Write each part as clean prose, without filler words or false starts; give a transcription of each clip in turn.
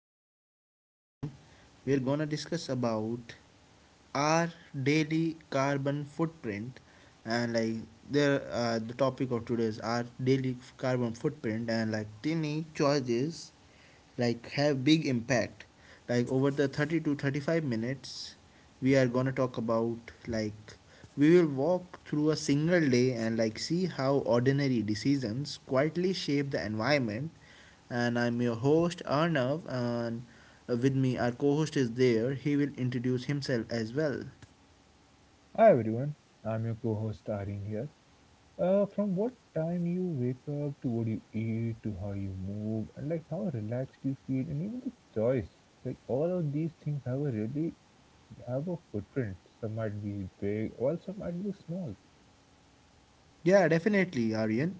this today's session we are going to discuss about our daily carbon footprint, and the topic of today is our daily carbon footprint, and like tiny choices like have big impact. Like over the 30 to 35 minutes, we are gonna talk about like we will walk through a single day and like see how ordinary decisions quietly shape the environment. And I'm your host Arnav, and with me our co-host is there, he will introduce himself as well. Hi everyone, I'm your co-host Irene here. From what time you wake up to what you eat to how you move and like how relaxed you feel and even the choice, like all of these things have a really have a footprint. Some might be big, while some might be small. Yeah, definitely, Aryan.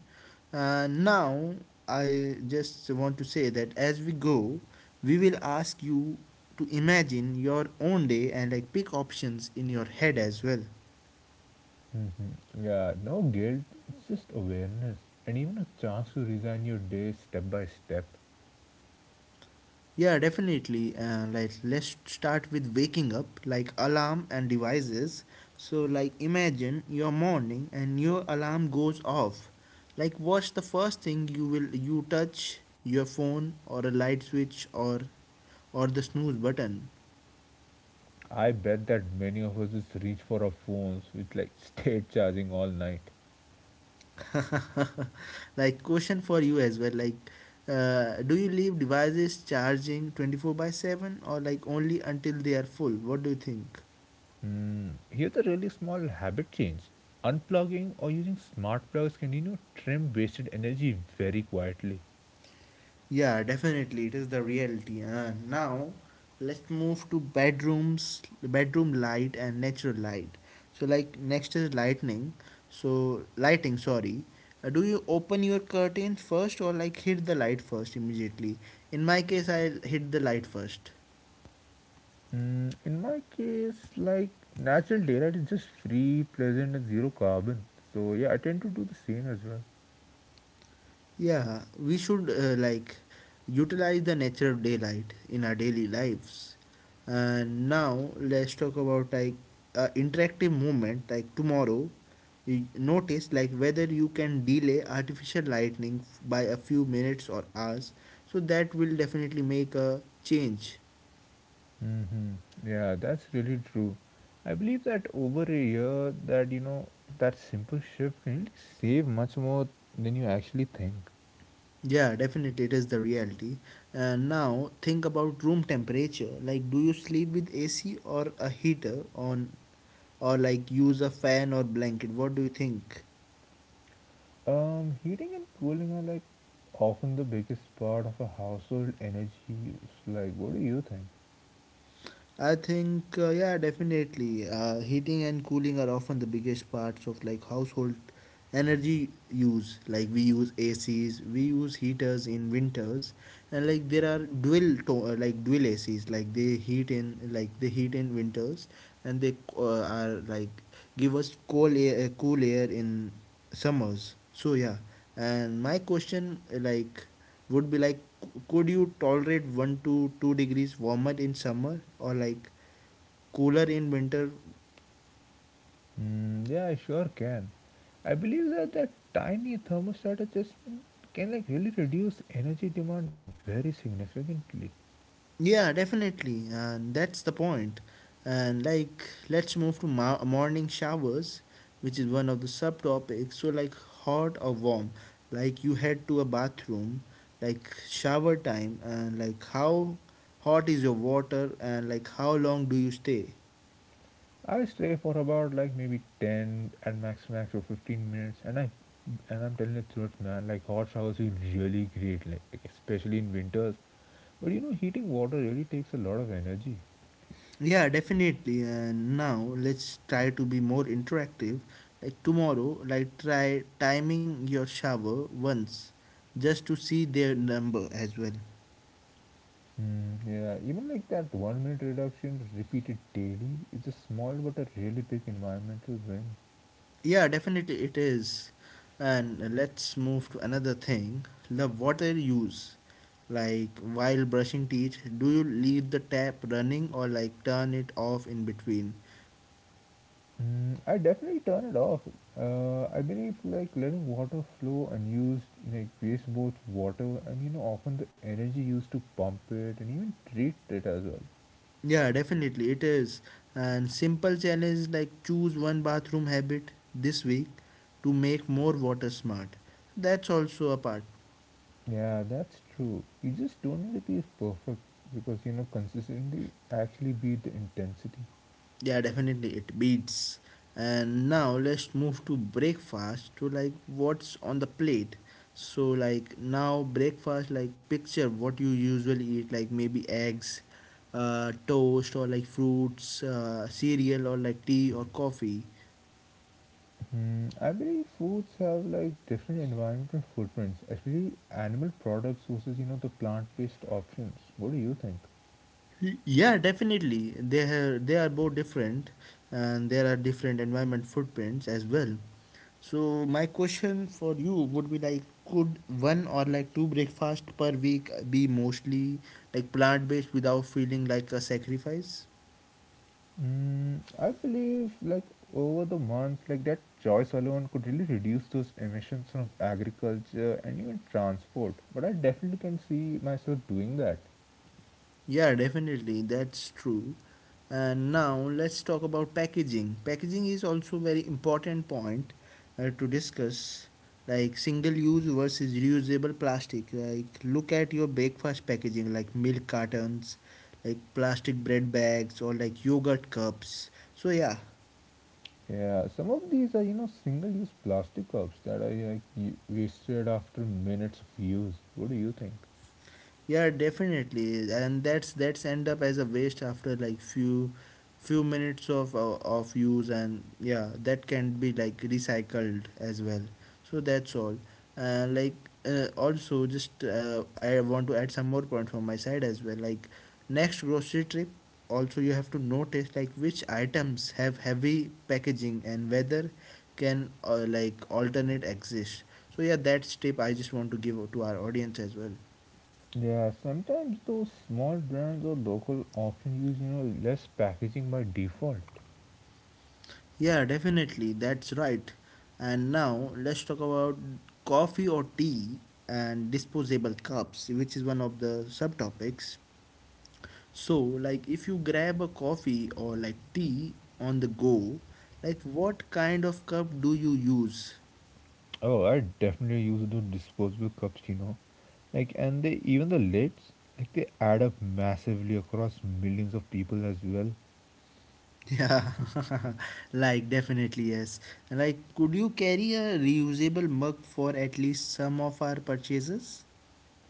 Now, I just want to say that as we go, we will ask you to imagine your own day and like pick options in your head as well. Hmm Yeah, no guilt. It's just awareness and even a chance to resign your day step by step. Yeah, definitely. Like, let's start with waking up, like alarm and devices. So, like, imagine your morning and your alarm goes off. Like, what's the first thing you will you touch? Your phone or a light switch or the snooze button. I bet that many of us just reach for our phones with like state charging all night. Like, question for you as well, like do you leave devices charging 24 by 7, or like only until they are full? What do you think? Here's a really small habit change. Unplugging or using smart plugs can, you know, trim wasted energy very quietly. Yeah, definitely it is the reality. Now let's move to bedroom light and natural light. So like next is lightning. So lighting, sorry. Do you open your curtains first or like hit the light first immediately? In my case, I hit the light first. Mm, in my case, like natural daylight is just free, pleasant, and zero carbon. So yeah, I tend to do the same as well. Yeah, we should like utilize the natural daylight in our daily lives. And now let's talk about like interactive movement. Like tomorrow, you notice like whether you can delay artificial lightning by a few minutes or hours. So that will definitely make a change. Hmm Yeah, that's really true. I believe that over a year, that you know, that simple shift can really save much more than you actually think. Yeah, definitely, it is the reality. And now think about room temperature. Like, do you sleep with AC or a heater on, or like use a fan or blanket? What do you think? Heating and cooling are like often the biggest part of a household energy use. Like, what do you think? I think yeah, definitely. Heating and cooling are often the biggest parts of like household energy use. Like we use ACs, we use heaters in winters, and like there are like dual ACs. Like they heat in like they heat in winters, and they are like give us cool air in summers. So yeah, and my question like would be like, could you tolerate 1 to 2 degrees warmer in summer or like cooler in winter? Mm, yeah, I sure can. I believe that that tiny thermostat adjustment can like really reduce energy demand very significantly. Yeah, definitely, and that's the point. And like let's move to morning showers, which is one of the subtopics. So like hot or warm, like you head to a bathroom, like shower time, and like how hot is your water and like how long do you stay? I stay for about like maybe 10 at max or 15 minutes and I'm telling the truth man like hot showers feel really great like especially in winters, but you know heating water really takes a lot of energy. Yeah, definitely. And now let's try to be more interactive. Like tomorrow, like try timing your shower once just to see their number as well. Mm, yeah, even like that 1 minute reduction repeated daily is a small but a really big environmental win. Yeah, definitely it is. And let's move to another thing, the water use. Like while brushing teeth, do you leave the tap running or like turn it off in between? Mm, I definitely turn it off. I believe like letting water flow unused like wastes both water and you know often the energy used to pump it and even treat it as well. Yeah, definitely it is. And simple challenge, like choose one bathroom habit this week to make more water smart. That's also a part. Yeah, that's true. You just don't need to be perfect because you know consistency actually beat the intensity. Yeah, definitely it beats. And now let's move to breakfast to like what's on the plate. So like now breakfast, like picture what you usually eat, like maybe eggs, toast or like fruits, cereal, or like tea or coffee. Mm, I believe foods have like different environmental footprints, especially animal products versus you know the plant-based options. What do you think? Yeah, definitely. They have, they are both different, and there are different environment footprints as well. So my question for you would be like, could one or like two breakfast per week be mostly like plant based without feeling like a sacrifice? Mm, I believe like over the months, like that choice alone could really reduce those emissions from agriculture and even transport. But I definitely can see myself doing that. Yeah, definitely, that's true. And now let's talk about packaging. Packaging is also very important point to discuss, like single use versus reusable plastic. Like look at your breakfast packaging, like milk cartons, like plastic bread bags or like yogurt cups. So yeah. Yeah, some of these are you know single-use plastic cups that are like wasted after minutes of use. What do you think? Yeah, definitely, and that's end up as a waste after like few minutes of use, and yeah, that can be like recycled as well. So that's all. Uh, like Also, just I want to add some more points from my side as well. Like next grocery trip, also you have to notice like which items have heavy packaging and whether can like alternate exist. So yeah, that's tip I just want to give to our audience as well. Yeah, sometimes those small brands or local often use, you know, less packaging by default. Yeah, definitely. That's right. And now let's talk about coffee or tea and disposable cups, which is one of the subtopics. So, like if you grab a coffee or like tea on the go, like what kind of cup do you use? Oh, I definitely use those disposable cups, you know. Like and they even the lids, like they add up massively across millions of people as well. Yeah, like definitely yes. Like, could you carry a reusable mug for at least some of our purchases?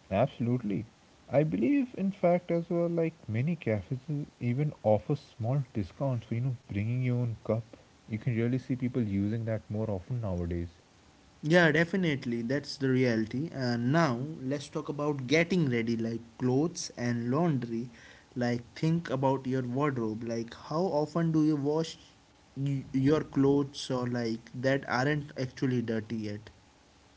Absolutely. I believe in fact as well like many cafes even offer small discounts for, you know, bringing your own cup. You can really see people using that more often nowadays. Yeah, definitely. That's the reality. And now let's talk about getting ready, like clothes and laundry. Like, think about your wardrobe. Like, how often do you wash your clothes or like that aren't actually dirty yet?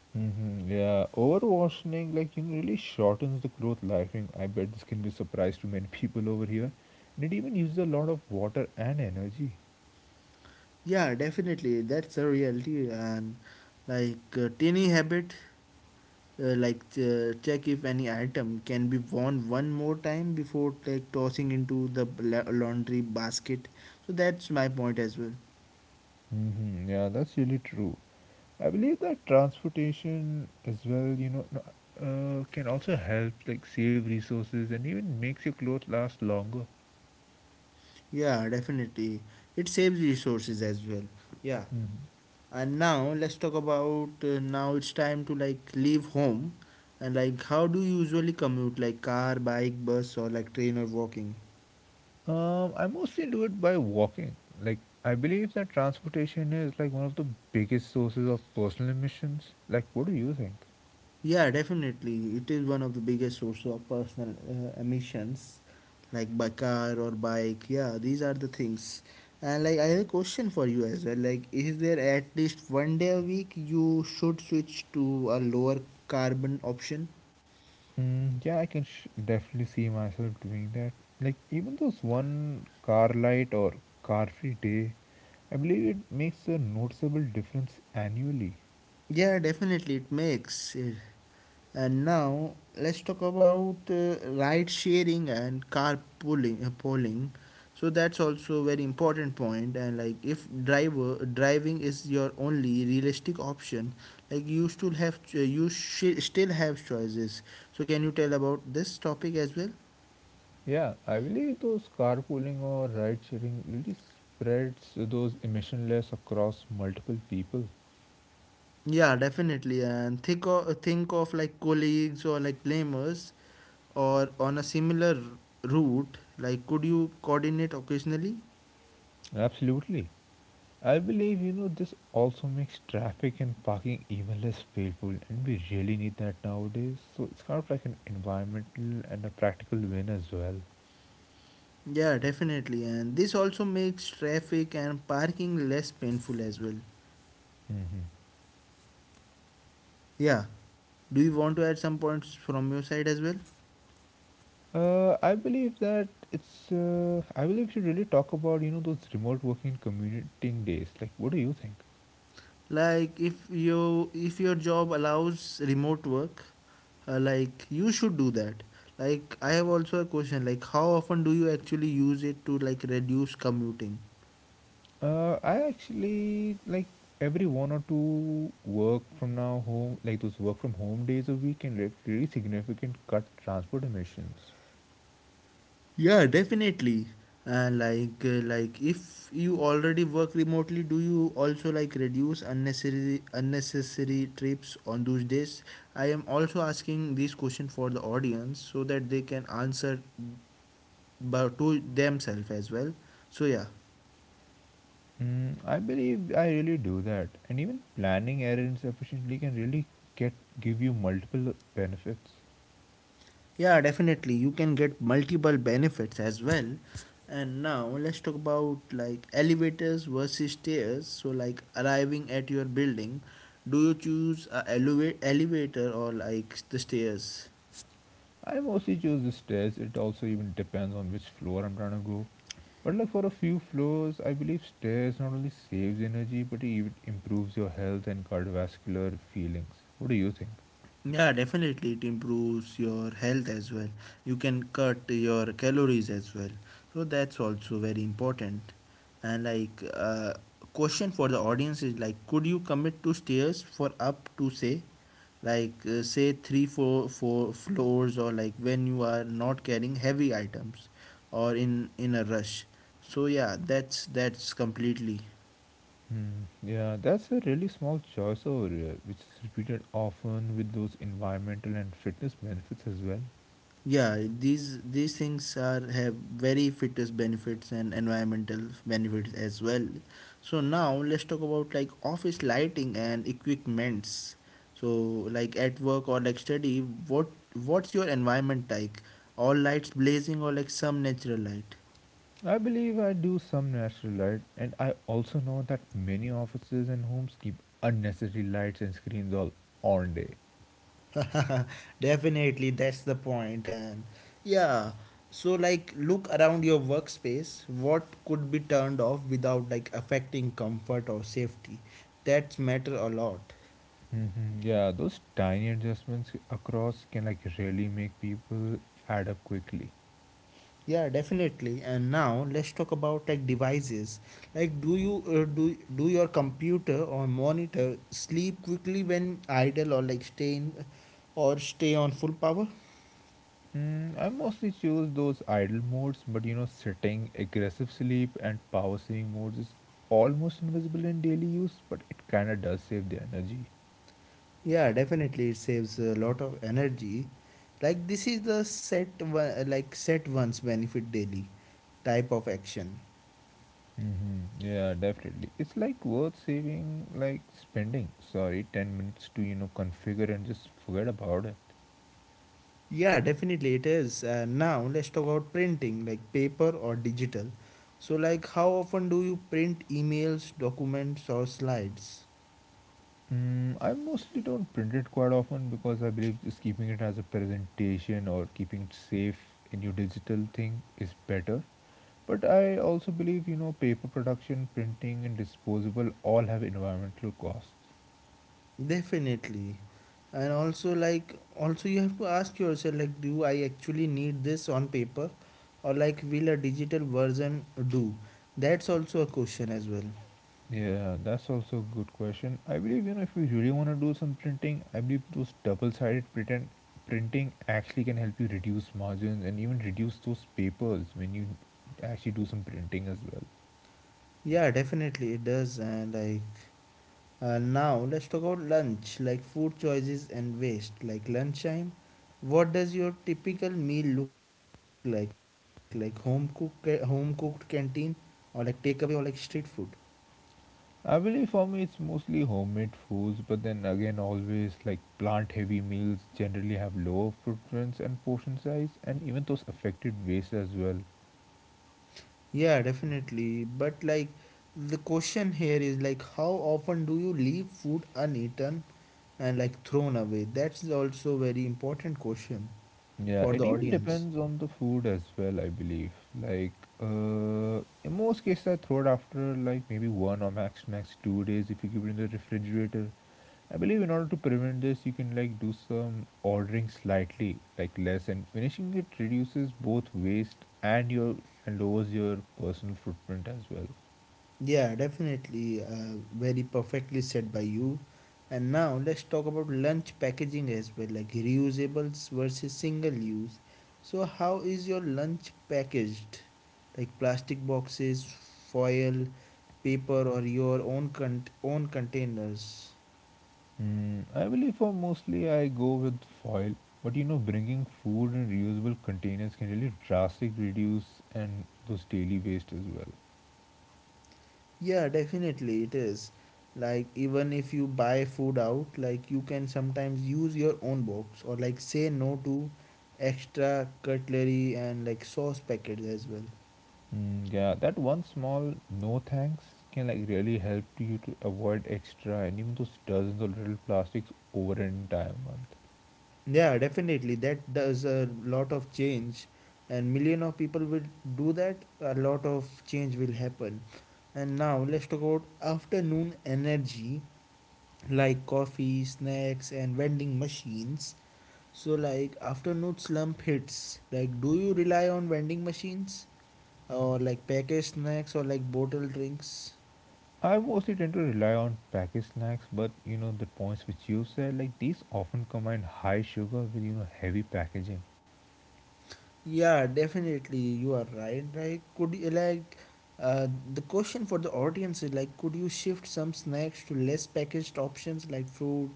Hmm Yeah, overwashing, like, you know, really shortens the cloth lifetime. I bet this can be a surprise to many people over here. And it even uses a lot of water and energy. Yeah, definitely. That's the reality. And like, tiny habit, check if any item can be worn one more time before like tossing into the laundry basket. So, that's my point as well. Hmm Yeah, that's really true. I believe that transportation as well, you know, can also help, like, save resources and even makes your clothes last longer. Yeah, definitely. It saves resources as well. Yeah. Hmm And now let's talk about now it's time to like leave home, and like how do you usually commute, like car, bike, bus, or like train or walking? I mostly do it by walking. Like, I believe that transportation is, like, one of the biggest sources of personal emissions. Like, what do you think? Yeah, definitely. It is one of the biggest sources of personal emissions, like by car or bike. Yeah, these are the things. And like I have a question for you as well. Like, is there at least 1 day a week you should switch to a lower carbon option? Mm, yeah, I can definitely see myself doing that. Like, even those one car light or car free day, I believe it makes a noticeable difference annually. Yeah, definitely it makes. And now let's talk about ride sharing and carpooling. Pooling. So that's also very important point. And like if driver driving is your only realistic option, like you still have ch- you sh- still have choices. So can you tell about this topic as well? Yeah, I believe those carpooling or ride sharing really spreads those emissionless across multiple people. Yeah, definitely. And think of like colleagues or like lamers or on a similar route, like could you coordinate occasionally? Absolutely. I believe, you know, this also makes traffic and parking even less painful, and we really need that nowadays. So, it's kind of like an environmental and a practical win as well. Yeah, definitely, and this also makes traffic and parking less painful as well. Mhm. Yeah, do you want to add some points from your side as well? I believe that it's. I believe we should really talk about you know those remote working and commuting days. Like, what do you think? Like if you if your job allows remote work, like you should do that. Like I have also a question, like how often do you actually use it to like reduce commuting? I actually like every one or two work from now home, like those work from home days a week can really significant cut transport emissions. Yeah, definitely. And like if you already work remotely, do you also like reduce unnecessary trips on those days? I am also asking this question for the audience so that they can answer but to themselves as well. So yeah. Mm, I believe I really do that, and even planning errands efficiently can really get give you multiple benefits. Yeah, definitely. You can get multiple benefits as well. And now let's talk about like elevators versus stairs. So like arriving at your building, do you choose a elevator or like the stairs? I mostly choose the stairs. It also even depends on which floor I'm trying to go. But like for a few floors, I believe stairs not only saves energy but it even improves your health and cardiovascular feelings. What do you think? Yeah, definitely it improves your health as well. You can cut your calories as well. So that's also very important. And like question for the audience is like, could you commit to stairs for up to say like say 3, 4 floors or like when you are not carrying heavy items or in a rush. So yeah, that's completely. Hmm. Yeah, that's a really small choice over here, which is repeated often with those environmental and fitness benefits as well. Yeah, these things are have very fitness benefits and environmental benefits as well. So now let's talk about like office lighting and equipments. So like at work or like study, what's your environment like, all lights blazing or like some natural light? I believe I do some natural light, and I also know that many offices and homes keep unnecessary lights and screens all on day. Definitely, that's the point. And yeah, so like look around your workspace. What could be turned off without like affecting comfort or safety? That matter a lot. Hmm Yeah, those tiny adjustments across can like really make people add up quickly. Yeah, definitely. And now let's talk about like devices. Like, do you do your computer or monitor sleep quickly when idle, or like stay in, or stay on full power? Mm, I mostly choose those idle modes, but you know, sitting, aggressive sleep, and power saving modes is almost invisible in daily use, but it kind of does save the energy. Yeah, definitely it saves a lot of energy. Like this is the set one, like set once benefit daily type of action. Mm-hmm. Yeah, definitely. It's like worth saving, like spending, sorry, 10 minutes to, you know, configure and just forget about it. Yeah, definitely it is. Now let's talk about printing, like paper or digital. So like how often do you print emails, documents, or slides? Mm, I mostly don't print it quite often because I believe just keeping it as a presentation or keeping it safe in your digital thing is better. But I also believe, you know, paper production, printing, and disposable all have environmental costs. Definitely. And also like also you have to ask yourself like, do I actually need this on paper, or like will a digital version do? That's also a question as well. Yeah, that's also a good question. I believe, you know, if you really want to do some printing, I believe those double sided printing actually can help you reduce margins and even reduce those papers when you actually do some printing as well. Yeah, definitely it does. And like now, let's talk about lunch, like food choices and waste. Like lunchtime, what does your typical meal look like? Like home cooked canteen, or like takeaway, or like street food. I believe for me it's mostly homemade foods, but then again, always like plant heavy meals generally have lower preference and portion size, and even those affected waste as well. Yeah, definitely. But like the question here is like, how often do you leave food uneaten and like thrown away? That's also very important question Yeah, for it the even audience. depends on the food as well, I believe. Like, uh, in most cases, I throw it after like maybe one or max 2 days if you keep it in the refrigerator. I believe in order to prevent this, you can like do some ordering slightly, like less, and finishing it reduces both waste and lowers your personal footprint as well. Yeah, definitely. Very perfectly said by you. And now let's talk about lunch packaging as well, like reusables versus single use. So, how is your lunch packaged? Like plastic boxes, foil, paper, or your own containers? Mm, I believe for mostly I go with foil, but you know, bringing food in reusable containers can really drastically reduce and those daily waste as well. Yeah, definitely it is. Like even if you buy food out, like you can sometimes use your own box or like say no to extra cutlery and like sauce packets as well. Mm, yeah, that one small no thanks can like really help you to avoid extra and even those dozens of little plastics over an entire month. Yeah, definitely that does a lot of change and million of people will do that, a lot of change will happen. And now let's talk about afternoon energy like coffee, snacks and vending machines. So like afternoon slump hits, like do you rely on vending machines or like packaged snacks or like bottled drinks? I mostly tend to rely on packaged snacks, but you know the points which you said, like these often combine high sugar with you know heavy packaging. Yeah, definitely you are right. Like could you uh, the question for the audience is like could you shift some snacks to less packaged options like fruit,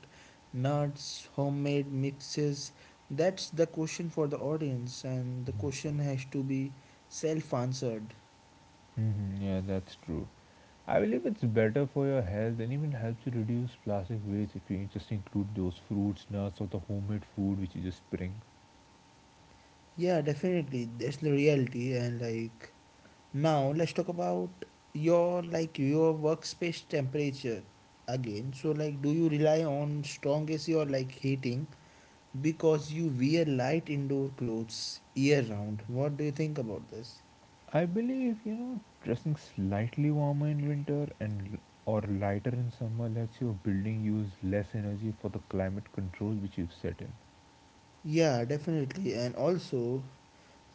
nuts, homemade mixes? That's the question for the audience and the Mm-hmm. question has to be self answered. hmm Yeah, that's true. I believe it's better for your health and even helps you reduce plastic waste if you just include those fruits, nuts, or the homemade food which you just bring. Yeah, definitely. That's the reality and like now let's talk about your workspace temperature again. So like do you rely on strong AC or like heating because you wear light indoor clothes year round? What do you think about this? I believe, you know, dressing slightly warmer in winter and or lighter in summer lets your building use less energy for the climate control which you've set in. Yeah, definitely. And also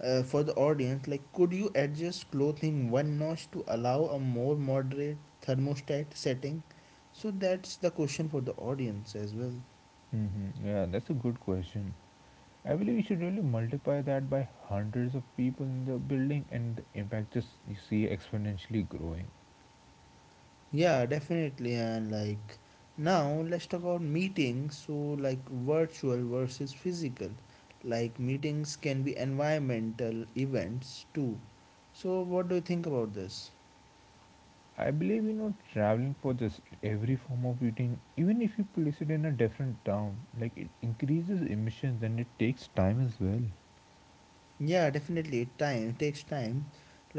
for the audience, like could you adjust clothing one notch to allow a more moderate thermostat setting? So that's the question for the audience as well. Mm-hmm. Yeah, that's a good question. I believe you should really multiply that by hundreds of people in the building, and the impact just you see exponentially growing. Yeah, definitely. And like now, let's talk about meetings. So, like virtual versus physical. Like meetings can be environmental events too. So, what do you think about this? I believe you know traveling for just every form of eating, even if you place it in a different town, like it increases emissions and it takes time as well. Yeah, definitely. It takes time.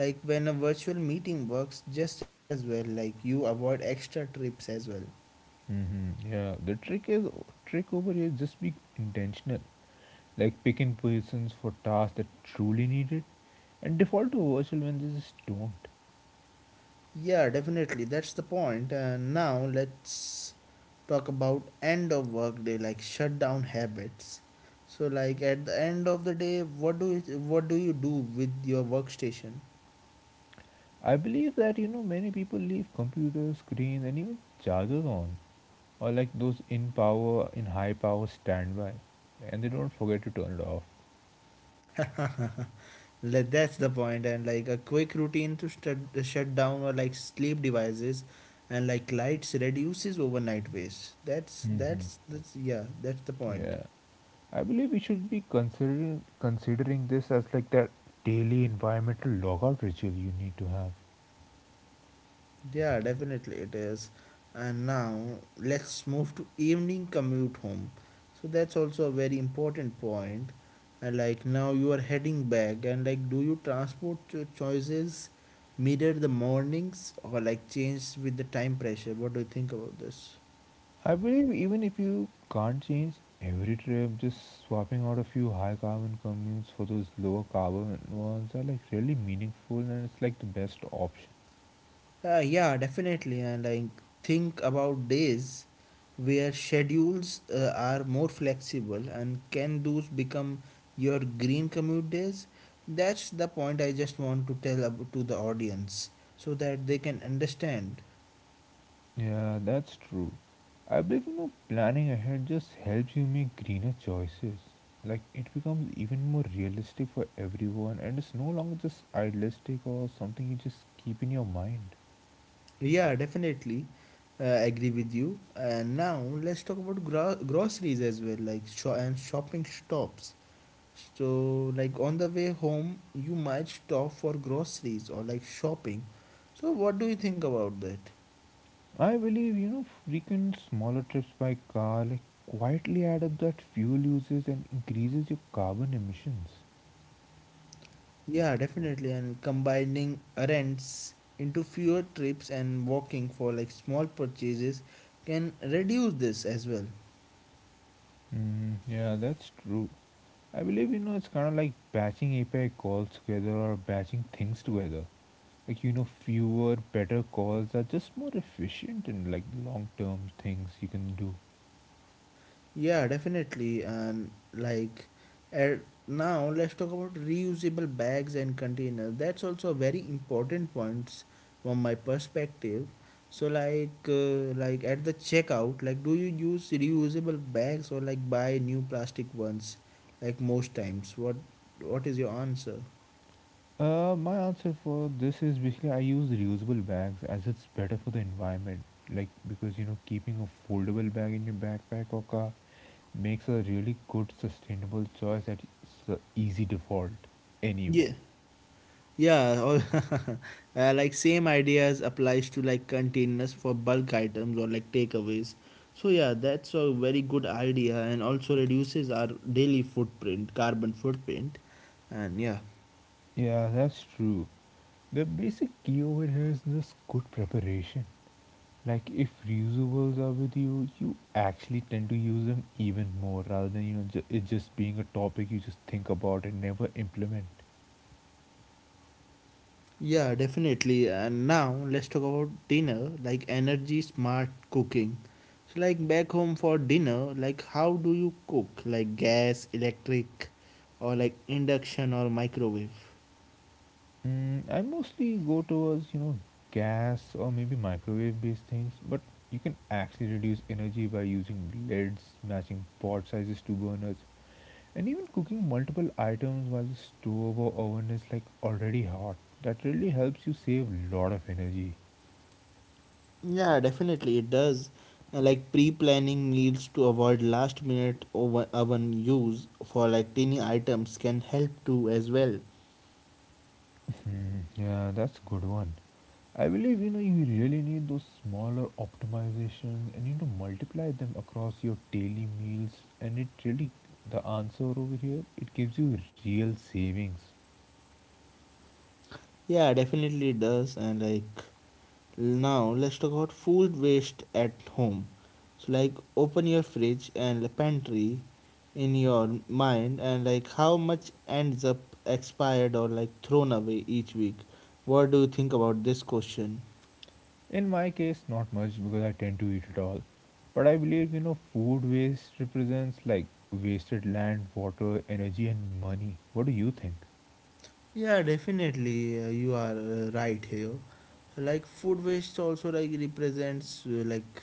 Like when a virtual meeting works just as well. Like you avoid extra trips as well. Hmm Yeah, the trick over here is just be intentional, like picking persons for tasks that truly need it, and default to virtual when they just don't. Yeah, definitely. That's the point. And now let's talk about end of work day, like shutdown habits. So, like at the end of the day, what do you do with your workstation? I believe that you know many people leave computers, screens, and even chargers on, or like those in power in high power standby, and they don't forget to turn it off. Like, that's the point. And like a quick routine to shut down or like sleep devices, and like lights reduces overnight waste. That's Hmm that's that's yeah. That's the point. Yeah. I believe we should be considering this as like that daily environmental logout ritual you need to have. Yeah, definitely it is. And now let's move to evening commute home. So that's also a very important point. And like now you are heading back, and like, do you choices mirror the mornings or like change with the time pressure? What do you think about this? I believe even if you can't change every trip, just swapping out a few high carbon commutes for those lower carbon ones are like really meaningful and it's like the best option. Yeah, definitely. And I think about days where schedules are more flexible and can those become your green commute days? That's the point I just want to to the audience so that they can understand. Yeah, that's true. I believe you know planning ahead just helps you make greener choices. Like it becomes even more realistic for everyone, and it's no longer just idealistic or something you just keep in your mind. Yeah, definitely. Agree with you. And now let's talk about groceries as well, like and shopping stops. So, like on the way home, you might stop for groceries or like shopping. So, what do you think about that? I believe you know frequent smaller trips by car like quietly add up that fuel uses and increases your carbon emissions. Yeah, definitely. And combining errands into fewer trips and walking for like small purchases can reduce this as well. Mm, yeah, that's true. I believe you know it's kind of like batching API calls together or batching things together. Like you know, fewer better calls are just more efficient and like long term things you can do. Yeah, definitely. And like at now let's talk about reusable bags and containers. That's also a very important points from my perspective. So like like at the checkout, like do you use reusable bags or like buy new plastic ones like most times? What is your answer? My answer for this is basically I use reusable bags as it's better for the environment. Like because you know keeping a foldable bag in your backpack or car makes a really good sustainable choice that is a easy default anywhere. Yeah. Yeah, all, like same ideas applies to like containers for bulk items or like takeaways. So yeah, that's a very good idea and also reduces our daily footprint, carbon footprint. And yeah, Yeah, that's true. The basic key over here is this good preparation. Like if reusables are with you, you actually tend to use them even more rather than it just being a topic you just think about and never implement. yeah, definitely. And now let's talk about dinner, like energy smart cooking. So like back home for dinner, like how do you cook? Like gas, electric, or like induction or microwave? I mostly go towards gas or maybe microwave based things, but you can actually reduce energy by using lids, matching pot sizes to burners, and even cooking multiple items while the stove or oven is like already hot. That really helps you save a lot of energy. Yeah, definitely it does. Like pre-planning needs to avoid last-minute over oven use for like tiny items can help too as well. Hmm, yeah, that's good one. I believe you really need those smaller optimizations and multiply them across your daily meals and it really the answer over here it gives you real savings. Yeah, definitely it does. And like now let's talk about food waste at home. So like open your fridge and the pantry in your mind and like how much ends up expired or like thrown away each week. What do you think about this question? In my case, not much because I tend to eat it all. But I believe, food waste represents like wasted land, water, energy, and money. What do you think? Yeah, definitely, you are right here. Like food waste also like represents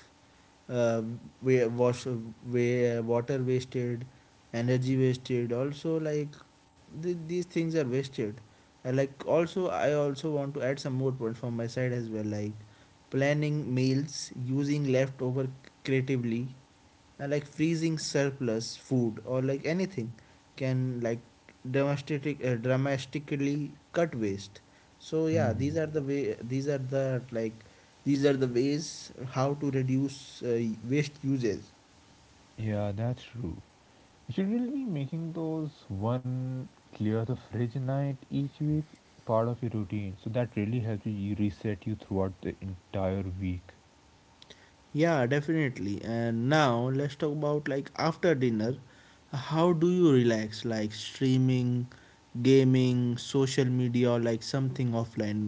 uh, water wasted, energy wasted. Also like these things are wasted. Also I also want to add some more points from my side as well. Like planning meals, using leftover creatively, like freezing surplus food or like anything can like dramatically cut waste. So yeah, Hmm. these are the way, these are the ways how to reduce waste usage. Yeah, that's true. Should we be making those one clear the fridge night each week part of your routine? So that really helps you reset you throughout the entire week. Yeah, definitely. And now let's talk about like after dinner, how do you relax, like streaming, gaming, social media or like something offline?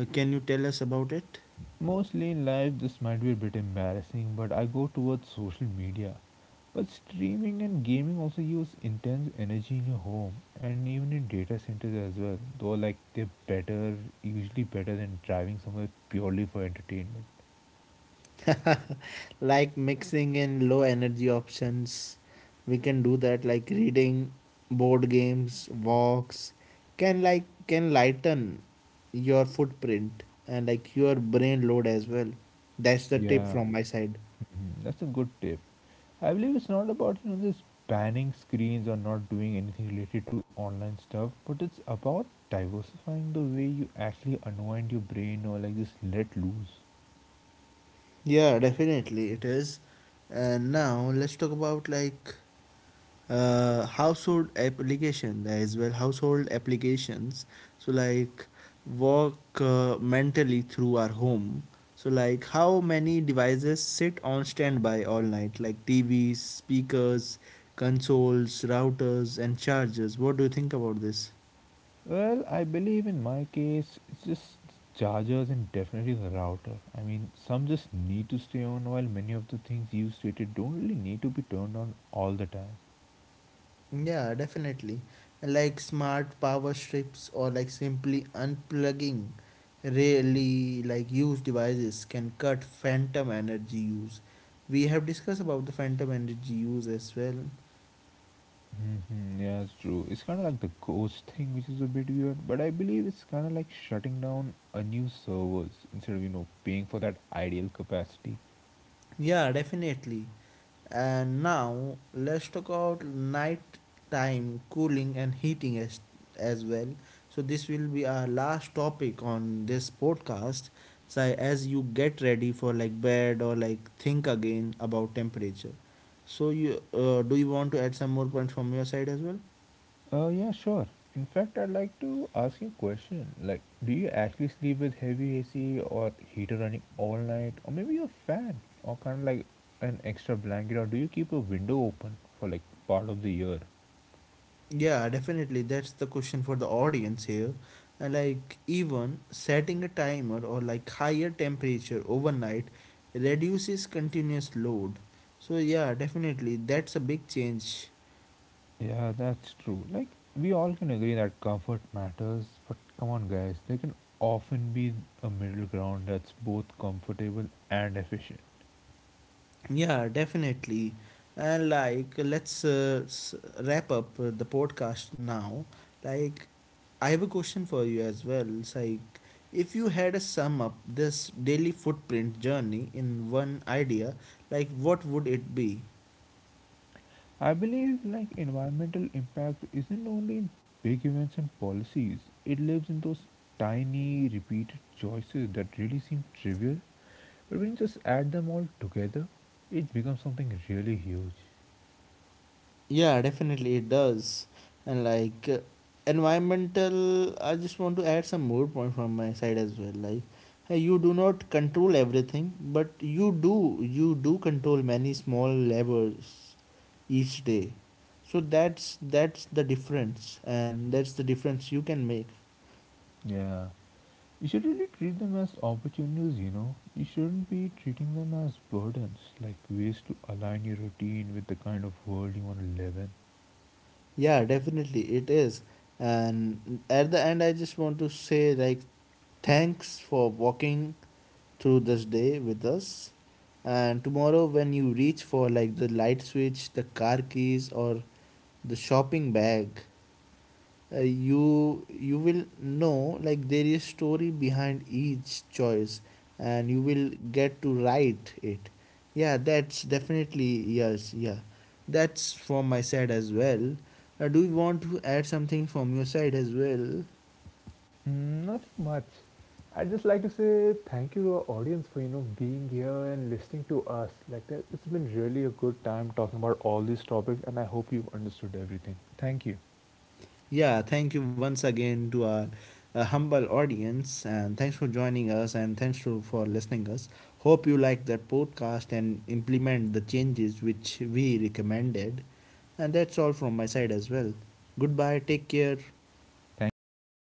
Can you tell us about it? Mostly in life, this might be a bit embarrassing, but I go towards social media. But streaming and gaming also use intense energy in your home and even in data centers as well. Though, like, they're better, usually better than driving somewhere purely for entertainment. Like mixing in low energy options. We can do that like reading, board games, walks can lighten your footprint and like your brain load as well. That's the tip Yeah. from my side. Mhm, that's a good tip. I believe it's not about just banning screens or not doing anything related to online stuff, but it's about diversifying the way you actually unwind your brain or like just let loose. Yeah, definitely it is. And now let's talk about household applications. So like walk mentally through our home. So like how many devices sit on standby all night, like TVs, speakers, consoles, routers and chargers? What do you think about this? Well, I believe in my case, it's just chargers and definitely the router. I mean, some just need to stay on while many of the things you stated don't really need to be turned on all the time. Yeah, definitely. Like smart power strips or like simply unplugging really like used devices can cut phantom energy use. We have discussed about the phantom energy use as well. Hmm, yeah, it's true. It's kind of like the ghost thing, which is a bit weird, but I believe it's kind of like shutting down a new servers instead of, paying for that ideal capacity. Yeah, definitely. And now let's talk about nighttime cooling and heating as well. So this will be our last topic on this podcast. So as you get ready for like bed or like think again about temperature. So you do you want to add some more points from your side as well? Oh, yeah, sure. In fact, I'd like to ask you a question. Like, do you actually sleep with heavy AC or heater running all night? Or maybe a fan or kind of like an extra blanket? Or do you keep a window open for like part of the year? Yeah, definitely. That's the question for the audience here. And like even setting a timer or like higher temperature overnight reduces continuous load. So yeah, definitely that's a big change. Yeah, that's true. Like, we all can agree that comfort matters, but come on, guys, there can often be a middle ground that's both comfortable and efficient. Yeah, definitely. And like wrap up the podcast now. Like I have a question for you as well. It's like if you had to sum up this daily footprint journey in one idea, like what would it be? I believe like environmental impact isn't only in big events and policies. It lives in those tiny repeated choices that really seem trivial, but when you just add them all together, it becomes something really huge. Yeah, definitely it does. And like I just want to add some more point from my side as well. Like, hey, you do not control everything, but you do control many small levers each day. So that's the difference, and that's the difference you can make. Yeah. You should really treat them as opportunities, You shouldn't be treating them as burdens, like ways to align your routine with the kind of world you want to live in. Yeah, definitely it is. And at the end, I just want to say like thanks for walking through this day with us. And tomorrow, when you reach for like the light switch, the car keys, or the shopping bag, you will know like there is story behind each choice, and you will get to write it. Yeah, that's definitely yes. Yeah, that's from my side as well. Do you want to add something from your side as well? Not much. I'd just like to say thank you to our audience for being here and listening to us. Like that, it's been really a good time talking about all these topics, and I hope you've understood everything. Thank you. Yeah, thank you once again to our humble audience and thanks for joining us and thanks to for listening us. Hope you like that podcast and implement the changes which we recommended. And that's all from my side as well. Goodbye, take care. Thank you all.